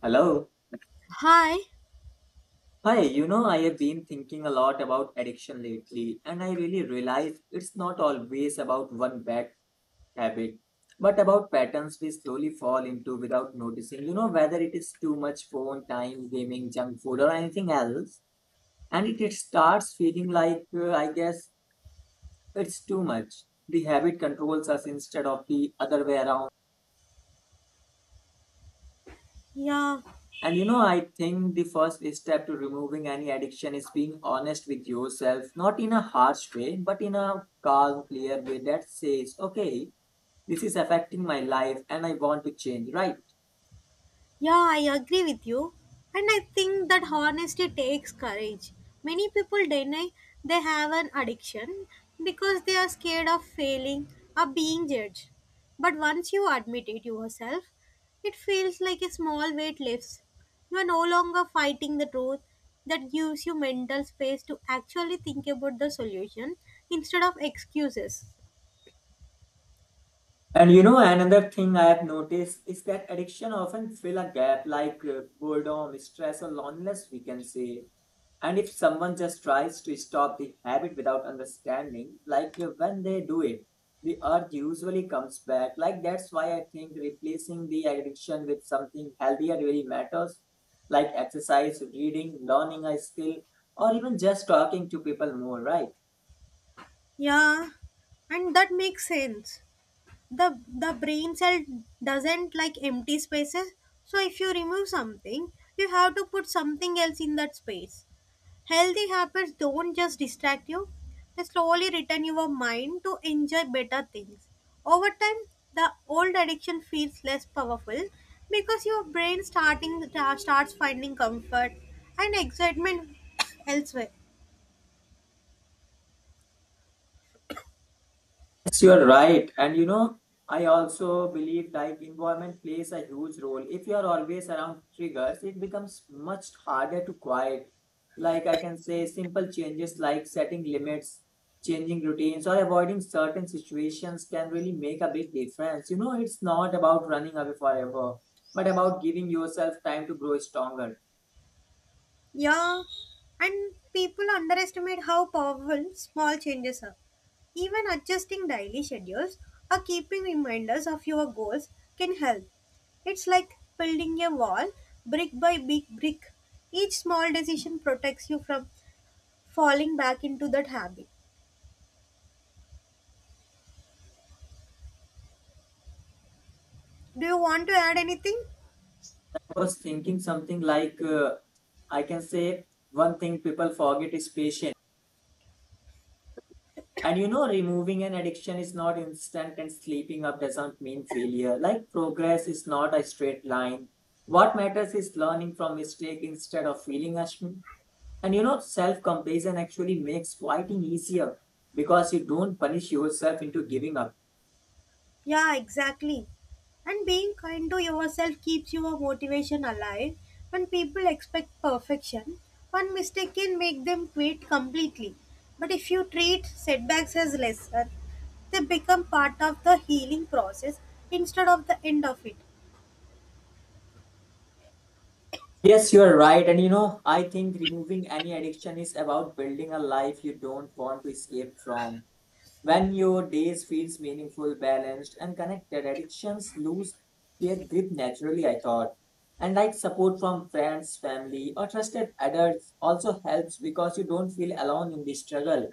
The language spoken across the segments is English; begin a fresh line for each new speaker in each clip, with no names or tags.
Hello.
Hi.
Hi, you know, I have been thinking a lot about addiction lately, and I really realize it's not always about one bad habit, but about patterns we slowly fall into without noticing. You know, whether it is too much phone time, gaming, junk food, or anything else, and it starts feeling like, I guess, it's too much. The habit controls us instead of the other way around.
Yeah.
And you know, I think the first step to removing any addiction is being honest with yourself, not in a harsh way, but in a calm, clear way that says, okay, this is affecting my life and I want to change, right?
Yeah, I agree with you. And I think that honesty takes courage. Many people deny they have an addiction because they are scared of failing or being judged. But once you admit it yourself, it feels like a small weight lifts. You are no longer fighting the truth that gives you mental space to actually think about the solution instead of excuses.
And you know, another thing I have noticed is that addiction often fill a gap like boredom, stress, or loneliness, we can say. And if someone just tries to stop the habit without understanding, like when they do it, the urge usually comes back. Like that's why I think replacing the addiction with something healthier really matters, like exercise, reading, learning a skill, or even just talking to people more, right?
Yeah, and that makes sense. The brain cell doesn't like empty spaces, so if you remove something, you have to put something else in that space. Healthy habits don't just distract you, they slowly return your mind to enjoy better things. Over time, the old addiction feels less powerful because your brain starting starts finding comfort and excitement elsewhere.
Yes, you are right. And you know, I also believe like environment plays a huge role. If you are always around triggers, it becomes much harder to quiet. Like I can say, simple changes like setting limits, changing routines, or avoiding certain situations can really make a big difference. You know, it's not about running away forever, but about giving yourself time to grow stronger.
Yeah, and people underestimate how powerful small changes are. Even adjusting daily schedules or keeping reminders of your goals can help. It's like building a wall brick by big brick. Each small decision protects you from falling back into that habit. Do you want to add anything?
I was thinking something like I can say one thing people forget is patience. And you know, removing an addiction is not instant, and sleeping up doesn't mean failure. Like progress is not a straight line. What matters is learning from mistake instead of feeling ashamed. And you know, self compassion actually makes fighting easier because you don't punish yourself into giving up.
Yeah, exactly. And being kind to yourself keeps your motivation alive. When people expect perfection, one mistake can make them quit completely. But if you treat setbacks as lesser, they become part of the healing process instead of the end of it.
Yes, you are right. And you know, I think removing any addiction is about building a life you don't want to escape from. When your days feels meaningful, balanced, and connected, addictions lose their grip naturally, I thought. And like support from friends, family, or trusted adults also helps because you don't feel alone in the struggle.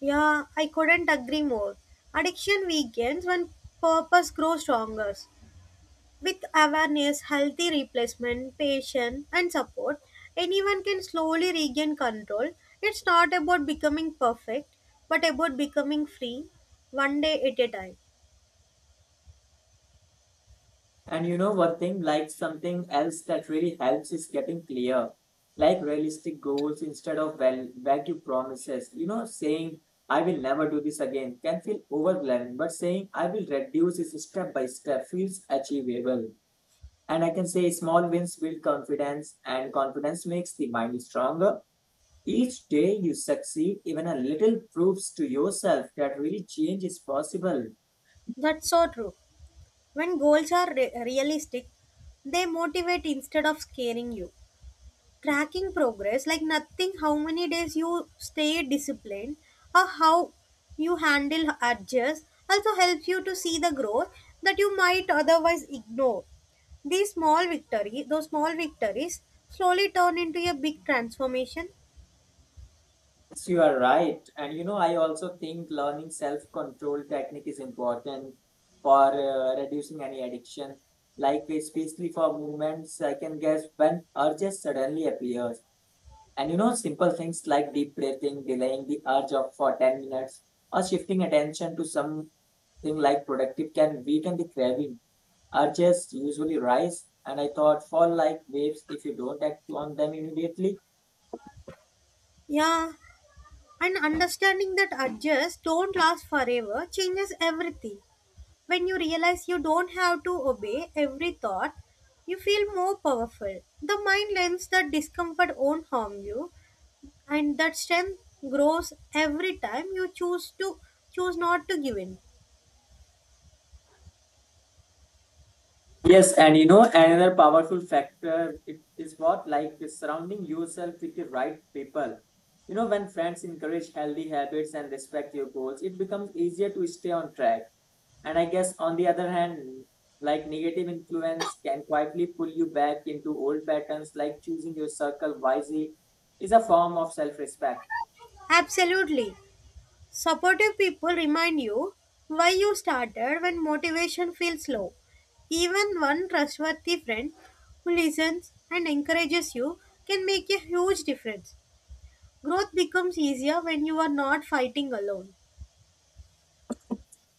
Yeah, I couldn't agree more. Addiction weakens when purpose grows stronger. With awareness, healthy replacement, patience, and support, anyone can slowly regain control. It's not about becoming perfect, but about becoming free, one day at a time.
And you know one thing, like something else that really helps is getting clear. Like realistic goals instead of well vague promises. You know, saying I will never do this again can feel overwhelming, but saying I will reduce this step by step feels achievable. And I can say small wins build confidence, and confidence makes the mind stronger. Each day you succeed, even a little proves to yourself that really change is possible.
That's so true. When goals are realistic, they motivate instead of scaring you. Tracking progress, like nothing how many days you stay disciplined or how you handle adjust, also helps you to see the growth that you might otherwise ignore. These small victory those small victories slowly turn into a big transformation.
Yes, you are right. And you know, I also think learning self control technique is important for reducing any addiction. Like, especially for movements, I can guess when urges suddenly appears. And you know, simple things like deep breathing, delaying the urge of for 10 minutes, or shifting attention to something like productive can weaken the craving. Urges usually rise, and I thought fall like waves if you don't act on them immediately.
Yeah, and understanding that adjust don't last forever changes everything. When you realize you don't have to obey every thought, you feel more powerful. The mind learns that discomfort won't harm you, and that strength grows every time you choose not to give in.
Yes, and you know, another powerful factor it is what like surrounding yourself with the right people. You know, when friends encourage healthy habits and respect your goals, it becomes easier to stay on track. And I guess on the other hand, like negative influence can quietly pull you back into old patterns, like choosing your circle wisely is a form of self respect.
Absolutely. Supportive people remind you why you started when motivation feels low. Even one trustworthy friend who listens and encourages you can make a huge difference. Growth becomes easier when you are not fighting alone.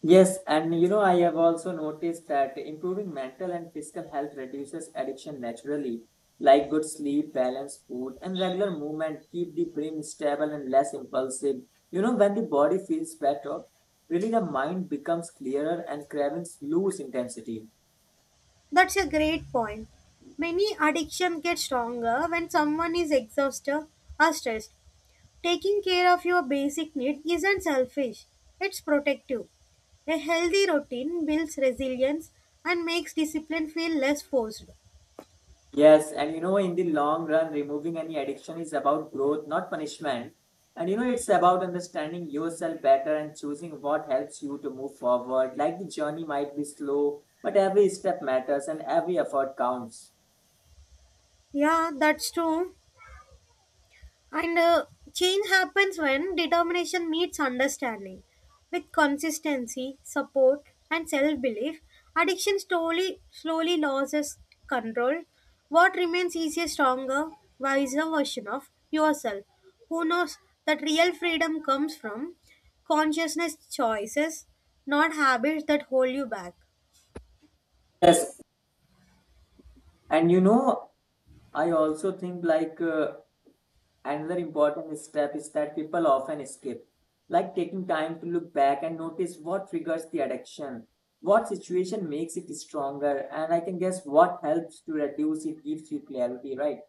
Yes, and you know, I have also noticed that improving mental and physical health reduces addiction naturally. Like good sleep, balanced food, and regular movement keep the brain stable and less impulsive. You know, when the body feels better, really the mind becomes clearer and cravings lose intensity.
That's a great point. Many addiction get stronger when someone is exhausted or stressed. Taking care of your basic need isn't selfish, it's protective. A healthy routine builds resilience and makes discipline feel less forced.
Yes, and you know, in the long run, removing any addiction is about growth, not punishment. And you know, it's about understanding yourself better and choosing what helps you to move forward. Like the journey might be slow, but every step matters and every effort counts.
Yeah, that's true. And change happens when determination meets understanding. With consistency, support, and self belief, addiction slowly, slowly loses control. What remains is a stronger, wiser version of yourself who knows that real freedom comes from consciousness choices, not habits that hold you back.
Yes, and you know, I also think like another important step is that people often skip, like taking time to look back and notice what triggers the addiction, what situation makes it stronger, and I can guess what helps to reduce it gives you clarity, right?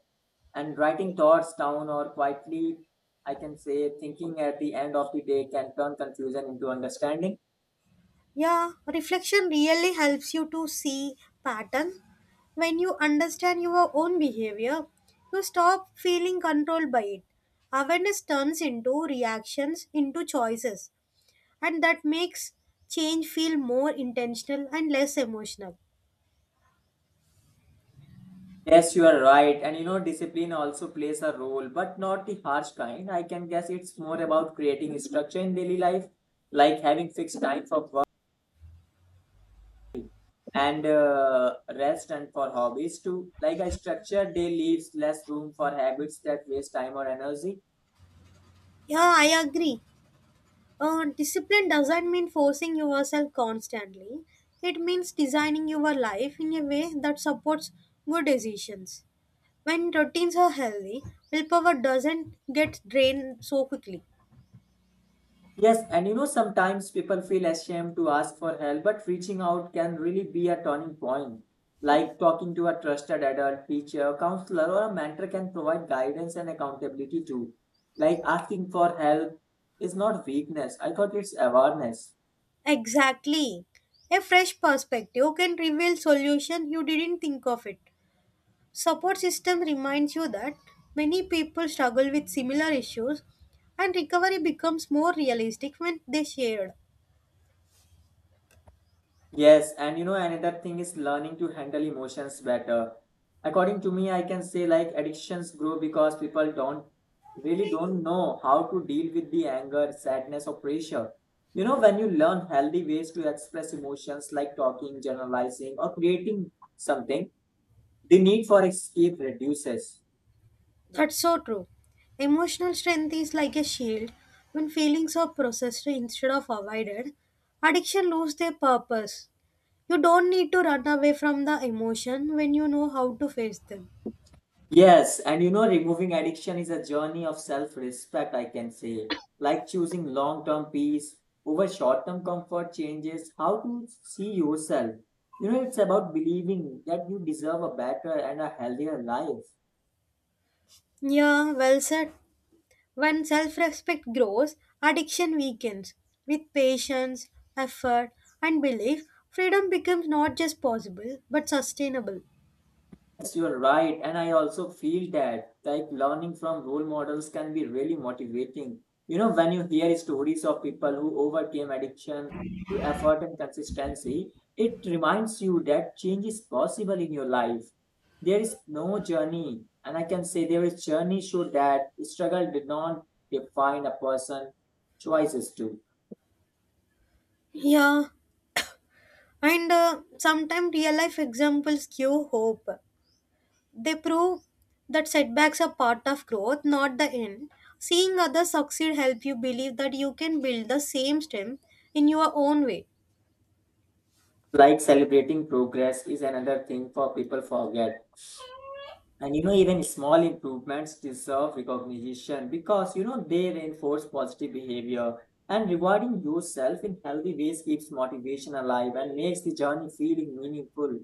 And writing thoughts down or quietly, I can say, thinking at the end of the day can turn confusion into understanding.
Yeah, reflection really helps you to see pattern. When you understand your own behavior, you stop feeling controlled by it. Awareness turns into reactions into choices, and that makes change feel more intentional and less emotional.
Yes, you are right. And you know, discipline also plays a role, but not the harsh kind. I can guess it's more about creating structure in daily life, like having fixed time for work and rest and for hobbies too. Like a structured day leaves less room for habits that waste time or energy.
Yeah, I agree. Discipline doesn't mean forcing yourself constantly. It means designing your life in a way that supports good decisions. When routines are healthy, willpower doesn't get drained so quickly.
Yes, and you know, sometimes people feel ashamed to ask for help, but reaching out can really be a turning point. Like talking to a trusted adult, teacher, counselor, or a mentor can provide guidance and accountability too. Like asking for help is not weakness, I thought it's awareness.
Exactly. A fresh perspective can reveal solution you didn't think of it. Support system reminds you that many people struggle with similar issues and recovery becomes more realistic when they shared.
Yes, and you know, another thing is learning to handle emotions better. According to me, I can say like addictions grow because people don't really don't know how to deal with the anger, sadness, or pressure. You know, when you learn healthy ways to express emotions like talking, generalizing, or creating something, the need for escape reduces.
That's so true. Emotional strength is like a shield. When feelings are processed instead of avoided, addiction loses their purpose. You don't need to run away from the emotion when you know how to face them.
Yes, and you know, removing addiction is a journey of self respect, I can say. Like choosing long term peace over short term comfort changes how to see yourself. You know, it's about believing that you deserve a better and a healthier life.
Yeah, well said. When self respect grows, addiction weakens. With patience, effort, and belief, freedom becomes not just possible but sustainable.
Yes, you are right. And I also feel that like learning from role models can be really motivating. You know, when you hear stories of people who overcame addiction through effort and consistency, it reminds you that change is possible in your life. There is no journey, and I can say there is journey show that struggle did not define a person, choices do.
Yeah, and sometimes real life examples give hope. They prove that setbacks are part of growth, not the end. Seeing others succeed help you believe that you can build the same strength in your own way.
Like celebrating progress is another thing for people forget. And you know, even small improvements deserve recognition because you know they reinforce positive behavior. And rewarding yourself in healthy ways keeps motivation alive and makes the journey feeling meaningful.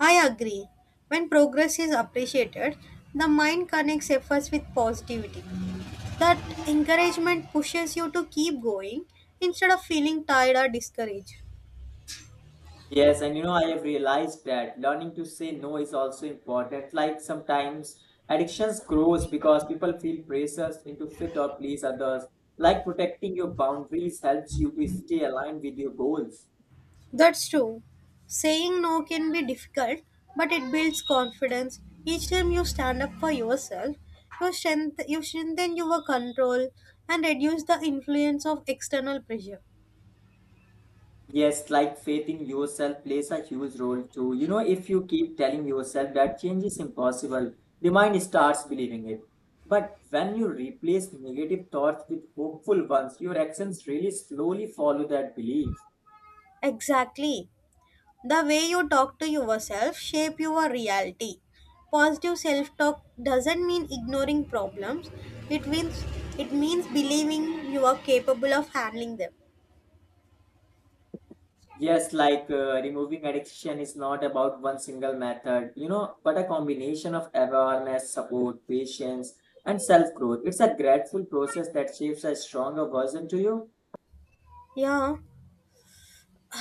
I agree. When progress is appreciated, the mind connects efforts with positivity. That encouragement pushes you to keep going instead of feeling tired or discouraged.
Yes, and you know, I have realized that learning to say no is also important. Like sometimes addictions grows because people feel pressures into fit or please others. Like protecting your boundaries helps you to stay aligned with your goals.
That's true. Saying no can be difficult, but it builds confidence. Each time you stand up for yourself, you strengthen your control and reduce the influence of external pressure.
Yes, like faith in yourself plays a huge role too. You know, if you keep telling yourself that change is impossible, the mind starts believing it. But when you replace negative thoughts with hopeful ones, your actions really slowly follow that belief.
Exactly. The way you talk to yourself shape your reality. Positive self-talk doesn't mean ignoring problems. It means it means believing you are capable of handling them.
Yes, like removing addiction is not about one single method, you know, but a combination of awareness, support, patience, and self growth. It's a gradual process that shapes a stronger version to you.
Yeah,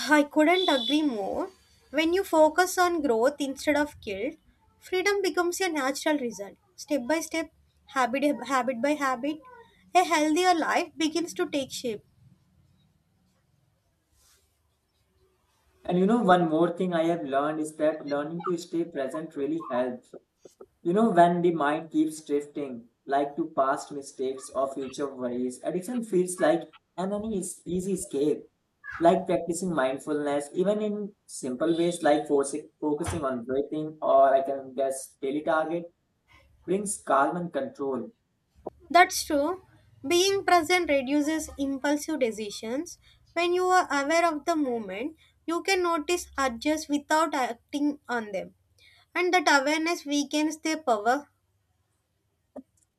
I couldn't agree more. When you focus on growth instead of guilt, freedom becomes your natural result. Step by step, habit by habit, a healthier life begins to take shape.
And you know, one more thing I have learned is that learning to stay present really helps. You know, when the mind keeps drifting, like to past mistakes or future worries, addiction feels like an any easy escape. Like practicing mindfulness, even in simple ways like forcing, focusing on breathing or I can guess daily target, brings calm and control.
That's true. Being present reduces impulsive decisions. When you are aware of the moment, you can notice adjust without acting on them. And that awareness weakens their power.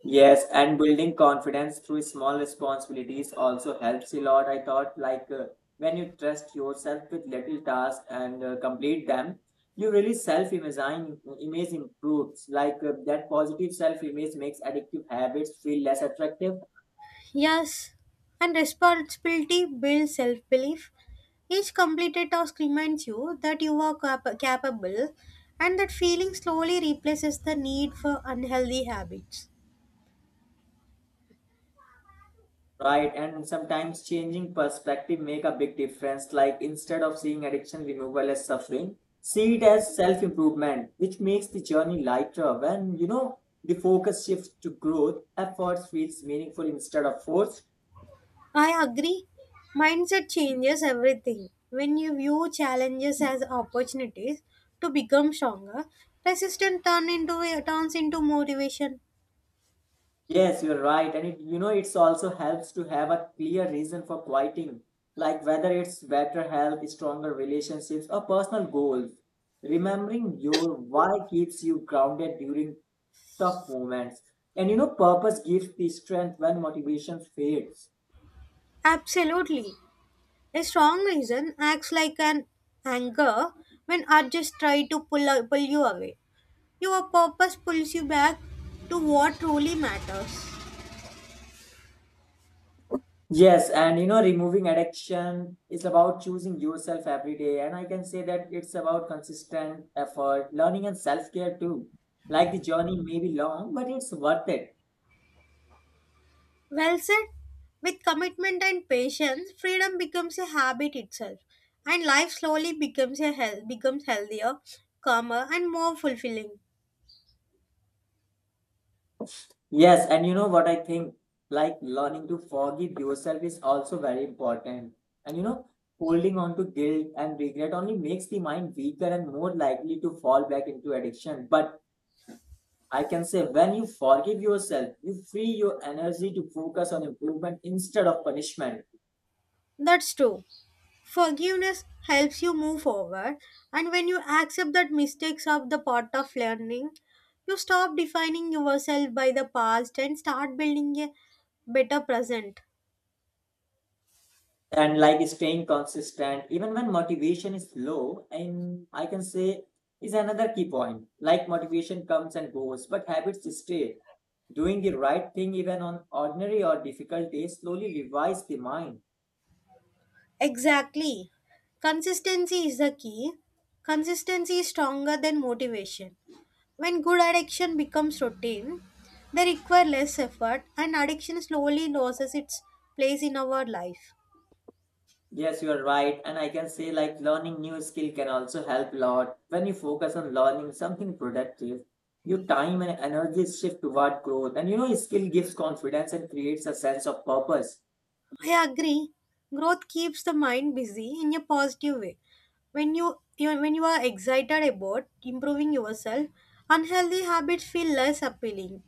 Yes, and building confidence through small responsibilities also helps a lot. I thought, like, when you trust yourself with little tasks and complete them, you really self imagine image improves. Like, that positive self image makes addictive habits feel less attractive.
Yes. And responsibility builds self belief. Each completed task reminds you that you are capable, and that feeling slowly replaces the need for unhealthy habits.
Right, and sometimes changing perspective make a big difference. Like instead of seeing addiction removal as suffering, see it as self-improvement, which makes the journey lighter. When you know the focus shifts to growth, efforts feels meaningful instead of forced.
I agree. Mindset changes everything. When you view challenges as opportunities to become stronger, resistance turns into motivation.
Yes, you're right. And it, you know, it's also helps to have a clear reason for quitting, like whether it's better health, stronger relationships, or personal goals. Remembering your why keeps you grounded during tough moments. And you know, purpose gives the strength when motivation fades.
Absolutely. A strong reason acts like an anchor when others try to pull you away. Your purpose pulls you back to what truly matters.
Yes, and you know, removing addiction is about choosing yourself every day. And I can say that it's about consistent effort, learning, and self care too. Like the journey may be long, but it's worth it.
Well said. With commitment and patience, freedom becomes a habit itself, and life slowly becomes healthier, calmer, and more fulfilling.
Yes, and you know what I think? Like learning to forgive yourself is also very important. And you know, holding on to guilt and regret only makes the mind weaker and more likely to fall back into addiction. But I can say when you forgive yourself, you free your energy to focus on improvement instead of punishment.
That's true. Forgiveness helps you move forward, and when you accept that mistakes are the part of learning, you stop defining yourself by the past and start building a better present.
And like staying consistent even when motivation is low, and I can say is another key point. Like motivation comes and goes but habits stay. Doing the right thing even on ordinary or difficult days slowly revives the mind.
Exactly. Consistency is the key. Consistency is stronger than motivation. When good addiction becomes routine, they require less effort and addiction slowly loses its place in our life.
Yes, you are right, and I can say like learning new skill can also help a lot. When you focus on learning something productive, your time and energy shift toward growth, and you know, skill gives confidence and creates a sense of purpose.
I agree. Growth keeps the mind busy in a positive way. When you when you are excited about improving yourself, unhealthy habits feel less appealing.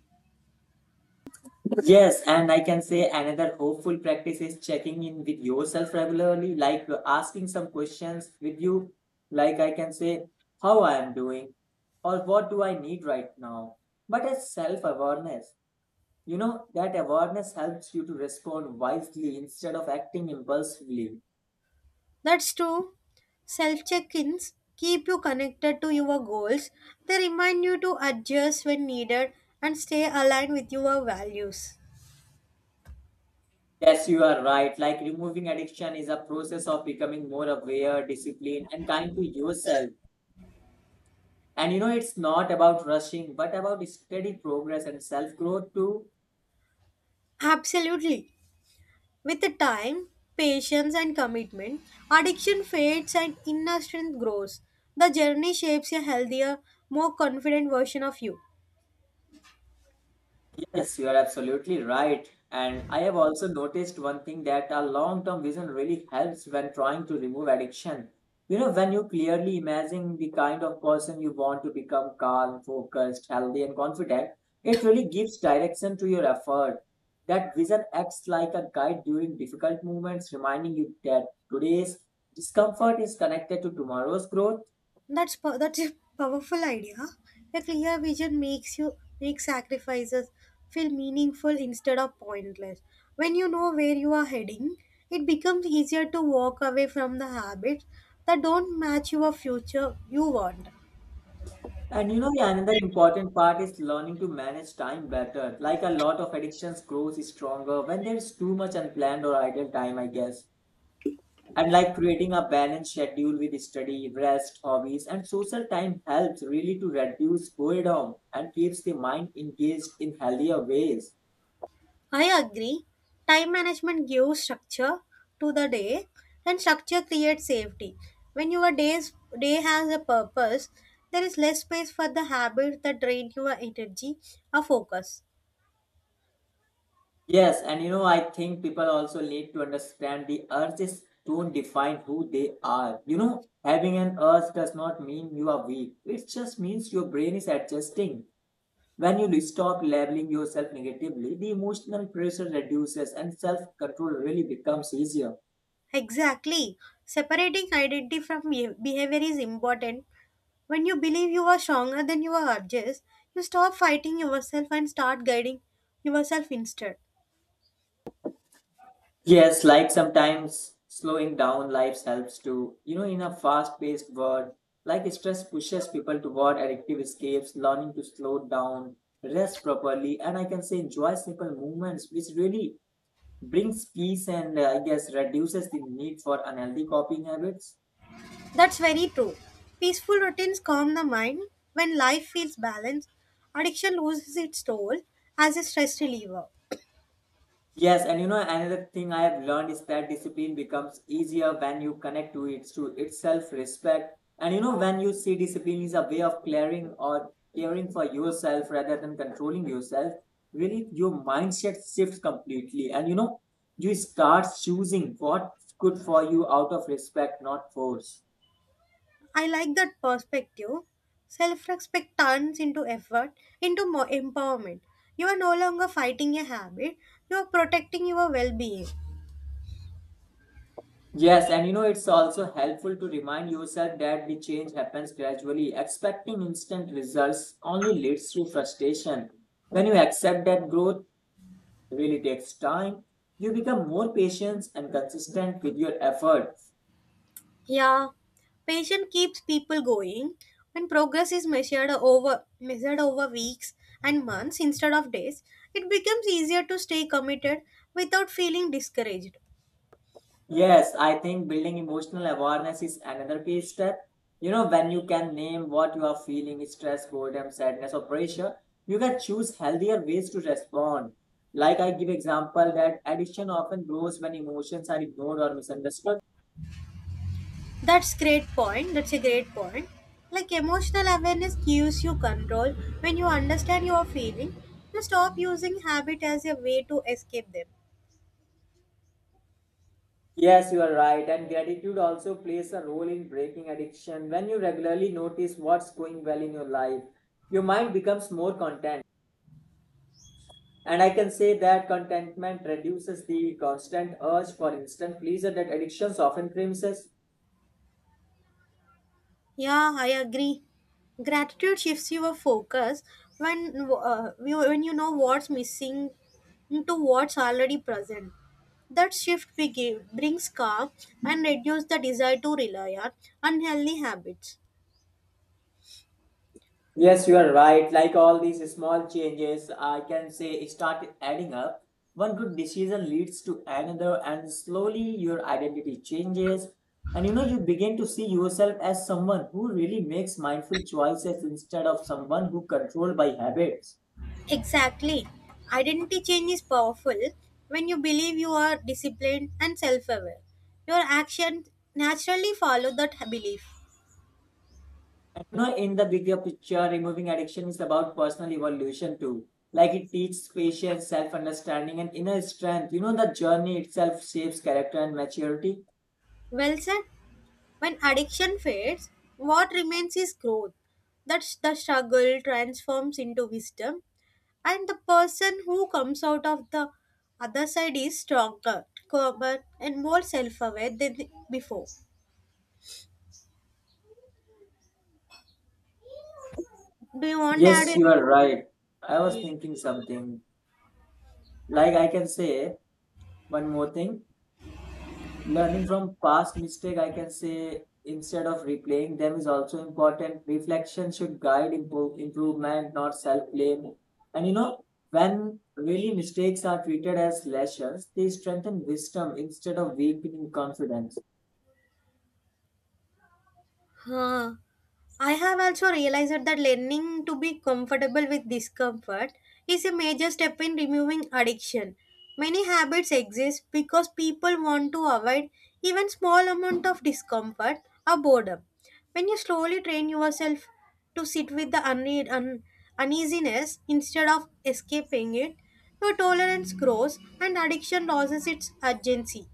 Yes, and I can say another hopeful practice is checking in with yourself regularly, like asking some questions with you. Like I can say, how I am doing or what do I need right now? But as self awareness, you know, that awareness helps you to respond wisely instead of acting impulsively.
That's true. Self check ins keep you connected to your goals. They remind you to adjust when needed and stay aligned with your values.
Yes, you are right. Like removing addiction is a process of becoming more aware, disciplined, and kind to yourself. And you know, it's not about rushing, but about steady progress and self growth too.
Absolutely. With the time, patience, and commitment, addiction fades and inner strength grows. The journey shapes a healthier, more confident version of you.
Yes, you are absolutely right. And I have also noticed one thing that a long term vision really helps when trying to remove addiction. You know, when you clearly imagine the kind of person you want to become calm, focused, healthy, and confident, it really gives direction to your effort. That vision acts like a guide during difficult moments, reminding you that today's discomfort is connected to tomorrow's growth.
That's a powerful idea. A clear vision makes you make sacrifices feel meaningful instead of pointless. When you know where you are heading, it becomes easier to walk away from the habits that don't match your future you want.
And you know, yeah, another important part is learning to manage time better. Like a lot of addictions grows stronger when there's too much unplanned or idle time, I guess. And like creating a balanced schedule with study, rest, hobbies, and social time helps really to reduce boredom and keeps the mind engaged in healthier ways.
I agree. Time management gives structure to the day, and structure creates safety. When day has a purpose, there is less space for the habits that drain your energy or focus.
Yes, and you know, I think people also need to understand the urges don't define who they are. You know, having an urge does not mean you are weak. It just means your brain is adjusting. When you stop labeling yourself negatively, the emotional pressure reduces and self control really becomes easier.
Exactly. Separating identity from behavior is important. When you believe you are stronger than your urges, you stop fighting yourself and start guiding yourself instead.
Yes, like sometimes slowing down life helps too. You know, in a fast paced world, like stress pushes people toward addictive escapes, learning to slow down, rest properly, and I can say enjoy simple movements, which really brings peace and I guess reduces the need for unhealthy copying habits.
That's very true. Peaceful routines calm the mind when life feels balanced. Addiction loses its role as a stress reliever.
Yes, and you know another thing I have learned is that discipline becomes easier when you connect to it to its self-respect. And you know when you see discipline is a way of clearing or caring for yourself rather than controlling yourself, really your mindset shifts completely. And you know you start choosing what's good for you out of respect, not force.
I like that perspective. Self respect turns into effort, into more empowerment. You are no longer fighting a habit, you are protecting your well being.
Yes, and you know, it's also helpful to remind yourself that the change happens gradually. Expecting instant results only leads to frustration. When you accept that growth really takes time, you become more patient and consistent with your effort.
Yeah, patience keeps people going. When progress is measured over weeks and months instead of days, it becomes easier to stay committed without feeling discouraged.
Yes, I think building emotional awareness is another key step. You know, when you can name what you are feeling stress, boredom, sadness, or pressure you can choose healthier ways to respond. Like I give example that addiction often grows when emotions are ignored or misunderstood.
That's a great point. Like emotional awareness gives you control. When you understand your feeling, you stop using habit as a way to escape them.
Yes, you are right. And gratitude also plays a role in breaking addiction. When you regularly notice what's going well in your life, your mind becomes more content. And I can say that contentment reduces the constant urge for instant pleasure that addictions often premises.
Yeah, I agree. Gratitude shifts your focus when when you know what's missing into what's already present. That shift brings calm and reduces the desire to rely on unhealthy habits.
Yes, you are right. Like all these small changes, I can say start adding up. One good decision leads to another, and slowly your identity changes. And you know, you begin to see yourself as someone who really makes mindful choices instead of someone who controlled by habits.
Exactly. Identity change is powerful when you believe you are disciplined and self aware. Your actions naturally follow that belief.
You know, in the bigger picture removing addiction is about personal evolution too. Like it teaches patience, self understanding, and inner strength. You know the journey itself shapes character and maturity.
Well said. When addiction fades, what remains is growth. That's the struggle transforms into wisdom, and the person who comes out of the other side is stronger, calmer, and more self aware than before. Do you want to add
Yes, you are
anything?
right. I was thinking something, like I can say one more thing. Learning from past mistake, I can say instead of replaying them is also important. Reflection should guide improvement, not self-blame. And you know, when really mistakes are treated as lessons, they strengthen wisdom instead of weakening confidence.
Huh. I have also realized that learning to be comfortable with discomfort is a major step in removing addiction. Many habits exist because people want to avoid even small amount of discomfort or boredom. When you slowly train yourself to sit with the uneasiness instead of escaping it, your tolerance grows and addiction loses its urgency.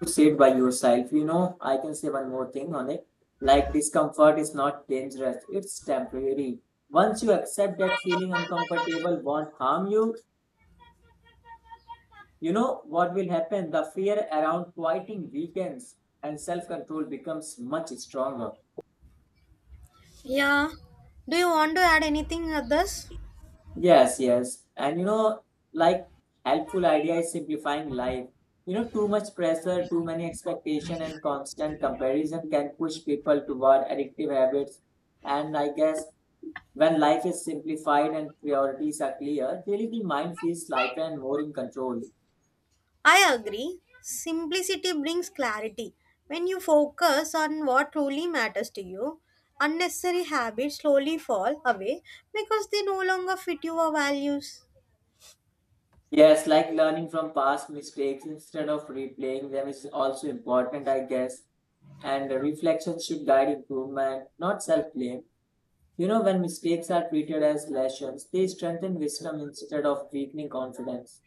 To say it by yourself. You know, I can say one more thing on it. Like discomfort is not dangerous, it's temporary. Once you accept that feeling uncomfortable won't harm you, you know what will happen? The fear around quieting weakens and self control becomes much stronger.
Yeah. Do you want to add anything others?
Yes. And you know, like helpful idea is simplifying life. You know, too much pressure, too many expectation and constant comparison can push people toward addictive habits. And I guess when life is simplified and priorities are clear, really the mind feels lighter and more in control.
I agree. Simplicity brings clarity. When you focus on what truly matters to you, unnecessary habits slowly fall away because they no longer fit your values.
Yes, like learning from past mistakes instead of replaying them is also important, I guess. And reflection should guide improvement, not self blame. You know, when mistakes are treated as lessons, they strengthen wisdom instead of weakening confidence.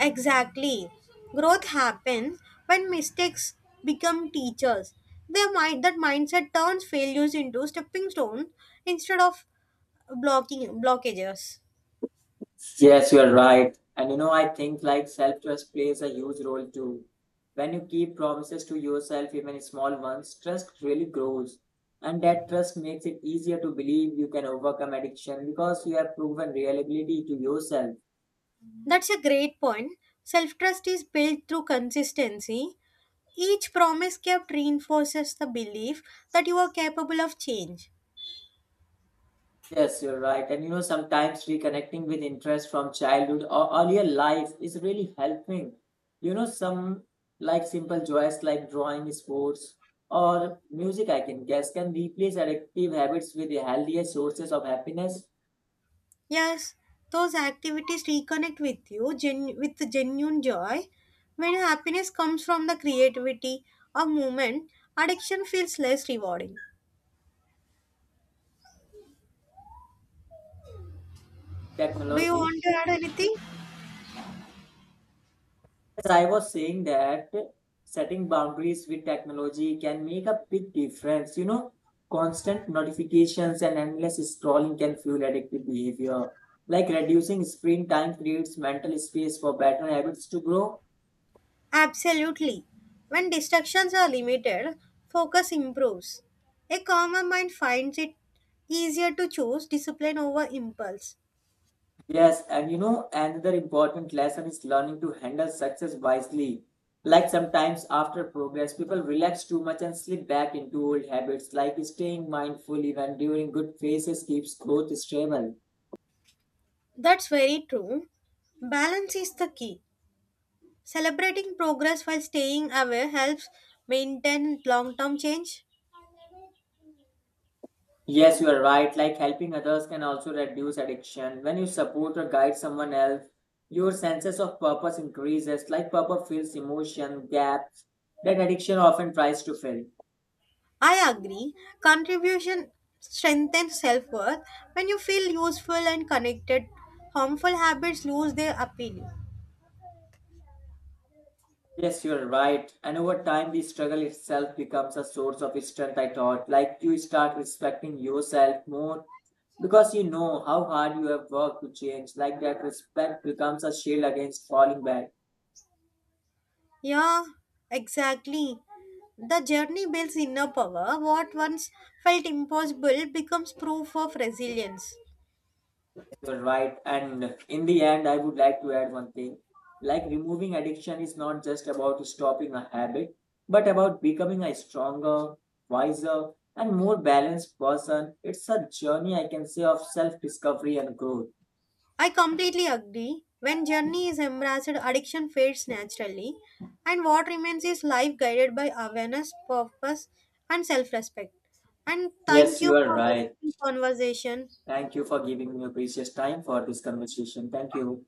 Exactly. Growth happens when mistakes become teachers. Their mind that mindset turns failures into stepping stones instead of blocking blockages.
Yes, you're right. And you know, I think like self trust plays a huge role too. When you keep promises to yourself, even small ones, trust really grows. And that trust makes it easier to believe you can overcome addiction because you have proven reliability to yourself.
That's a great point. Self trust is built through consistency. Each promise kept reinforces the belief that you are capable of change.
Yes, you're right. And you know, sometimes reconnecting with interest from childhood or earlier life is really helping. You know, some like simple joys like drawing, sports, or music, I can guess, can replace addictive habits with the healthier sources of happiness,
Yes, those activities reconnect with you with the genuine joy. When happiness comes from the creativity or movement, addiction feels less rewarding. Do you
technology.
want to add anything?
As I was saying that setting boundaries with technology can make a big difference. You know, constant notifications and endless scrolling can fuel addictive behavior. Like reducing screen time creates mental space for better habits to grow.
Absolutely. When distractions are limited, focus improves. A calmer mind finds it easier to choose discipline over impulse.
Yes, and you know, another important lesson is learning to handle success wisely. Like sometimes after progress, people relax too much and slip back into old habits, like staying mindful even during good phases keeps growth stable.
That's very true. Balance is the key. Celebrating progress while staying aware helps maintain long term change.
Yes, you are right. Like helping others can also reduce addiction. When you support or guide someone else, your senses of purpose increases. Like purpose fills emotion gaps that addiction often tries to fill.
I agree. Contribution strengthens self worth. When you feel useful and connected, harmful habits lose their appeal.
Yes, you are right. And over time, the struggle itself becomes a source of strength. I thought, like you start respecting yourself more because you know how hard you have worked to change. Like that respect becomes a shield against falling back.
Yeah, exactly. The journey builds inner power. What once felt impossible becomes proof of resilience.
You're right. And in the end, I would like to add one thing. Like removing addiction is not just about stopping a habit, but about becoming a stronger, wiser, and more balanced person. It's a journey, I can say, of self discovery and growth.
I completely agree. When journey is embraced, addiction fades naturally, and what remains is life guided by awareness, purpose, and self respect. And thank
Yes,
you
you are
for
right.
wonderful conversation.
Thank you for giving me your precious time for this conversation. Thank you.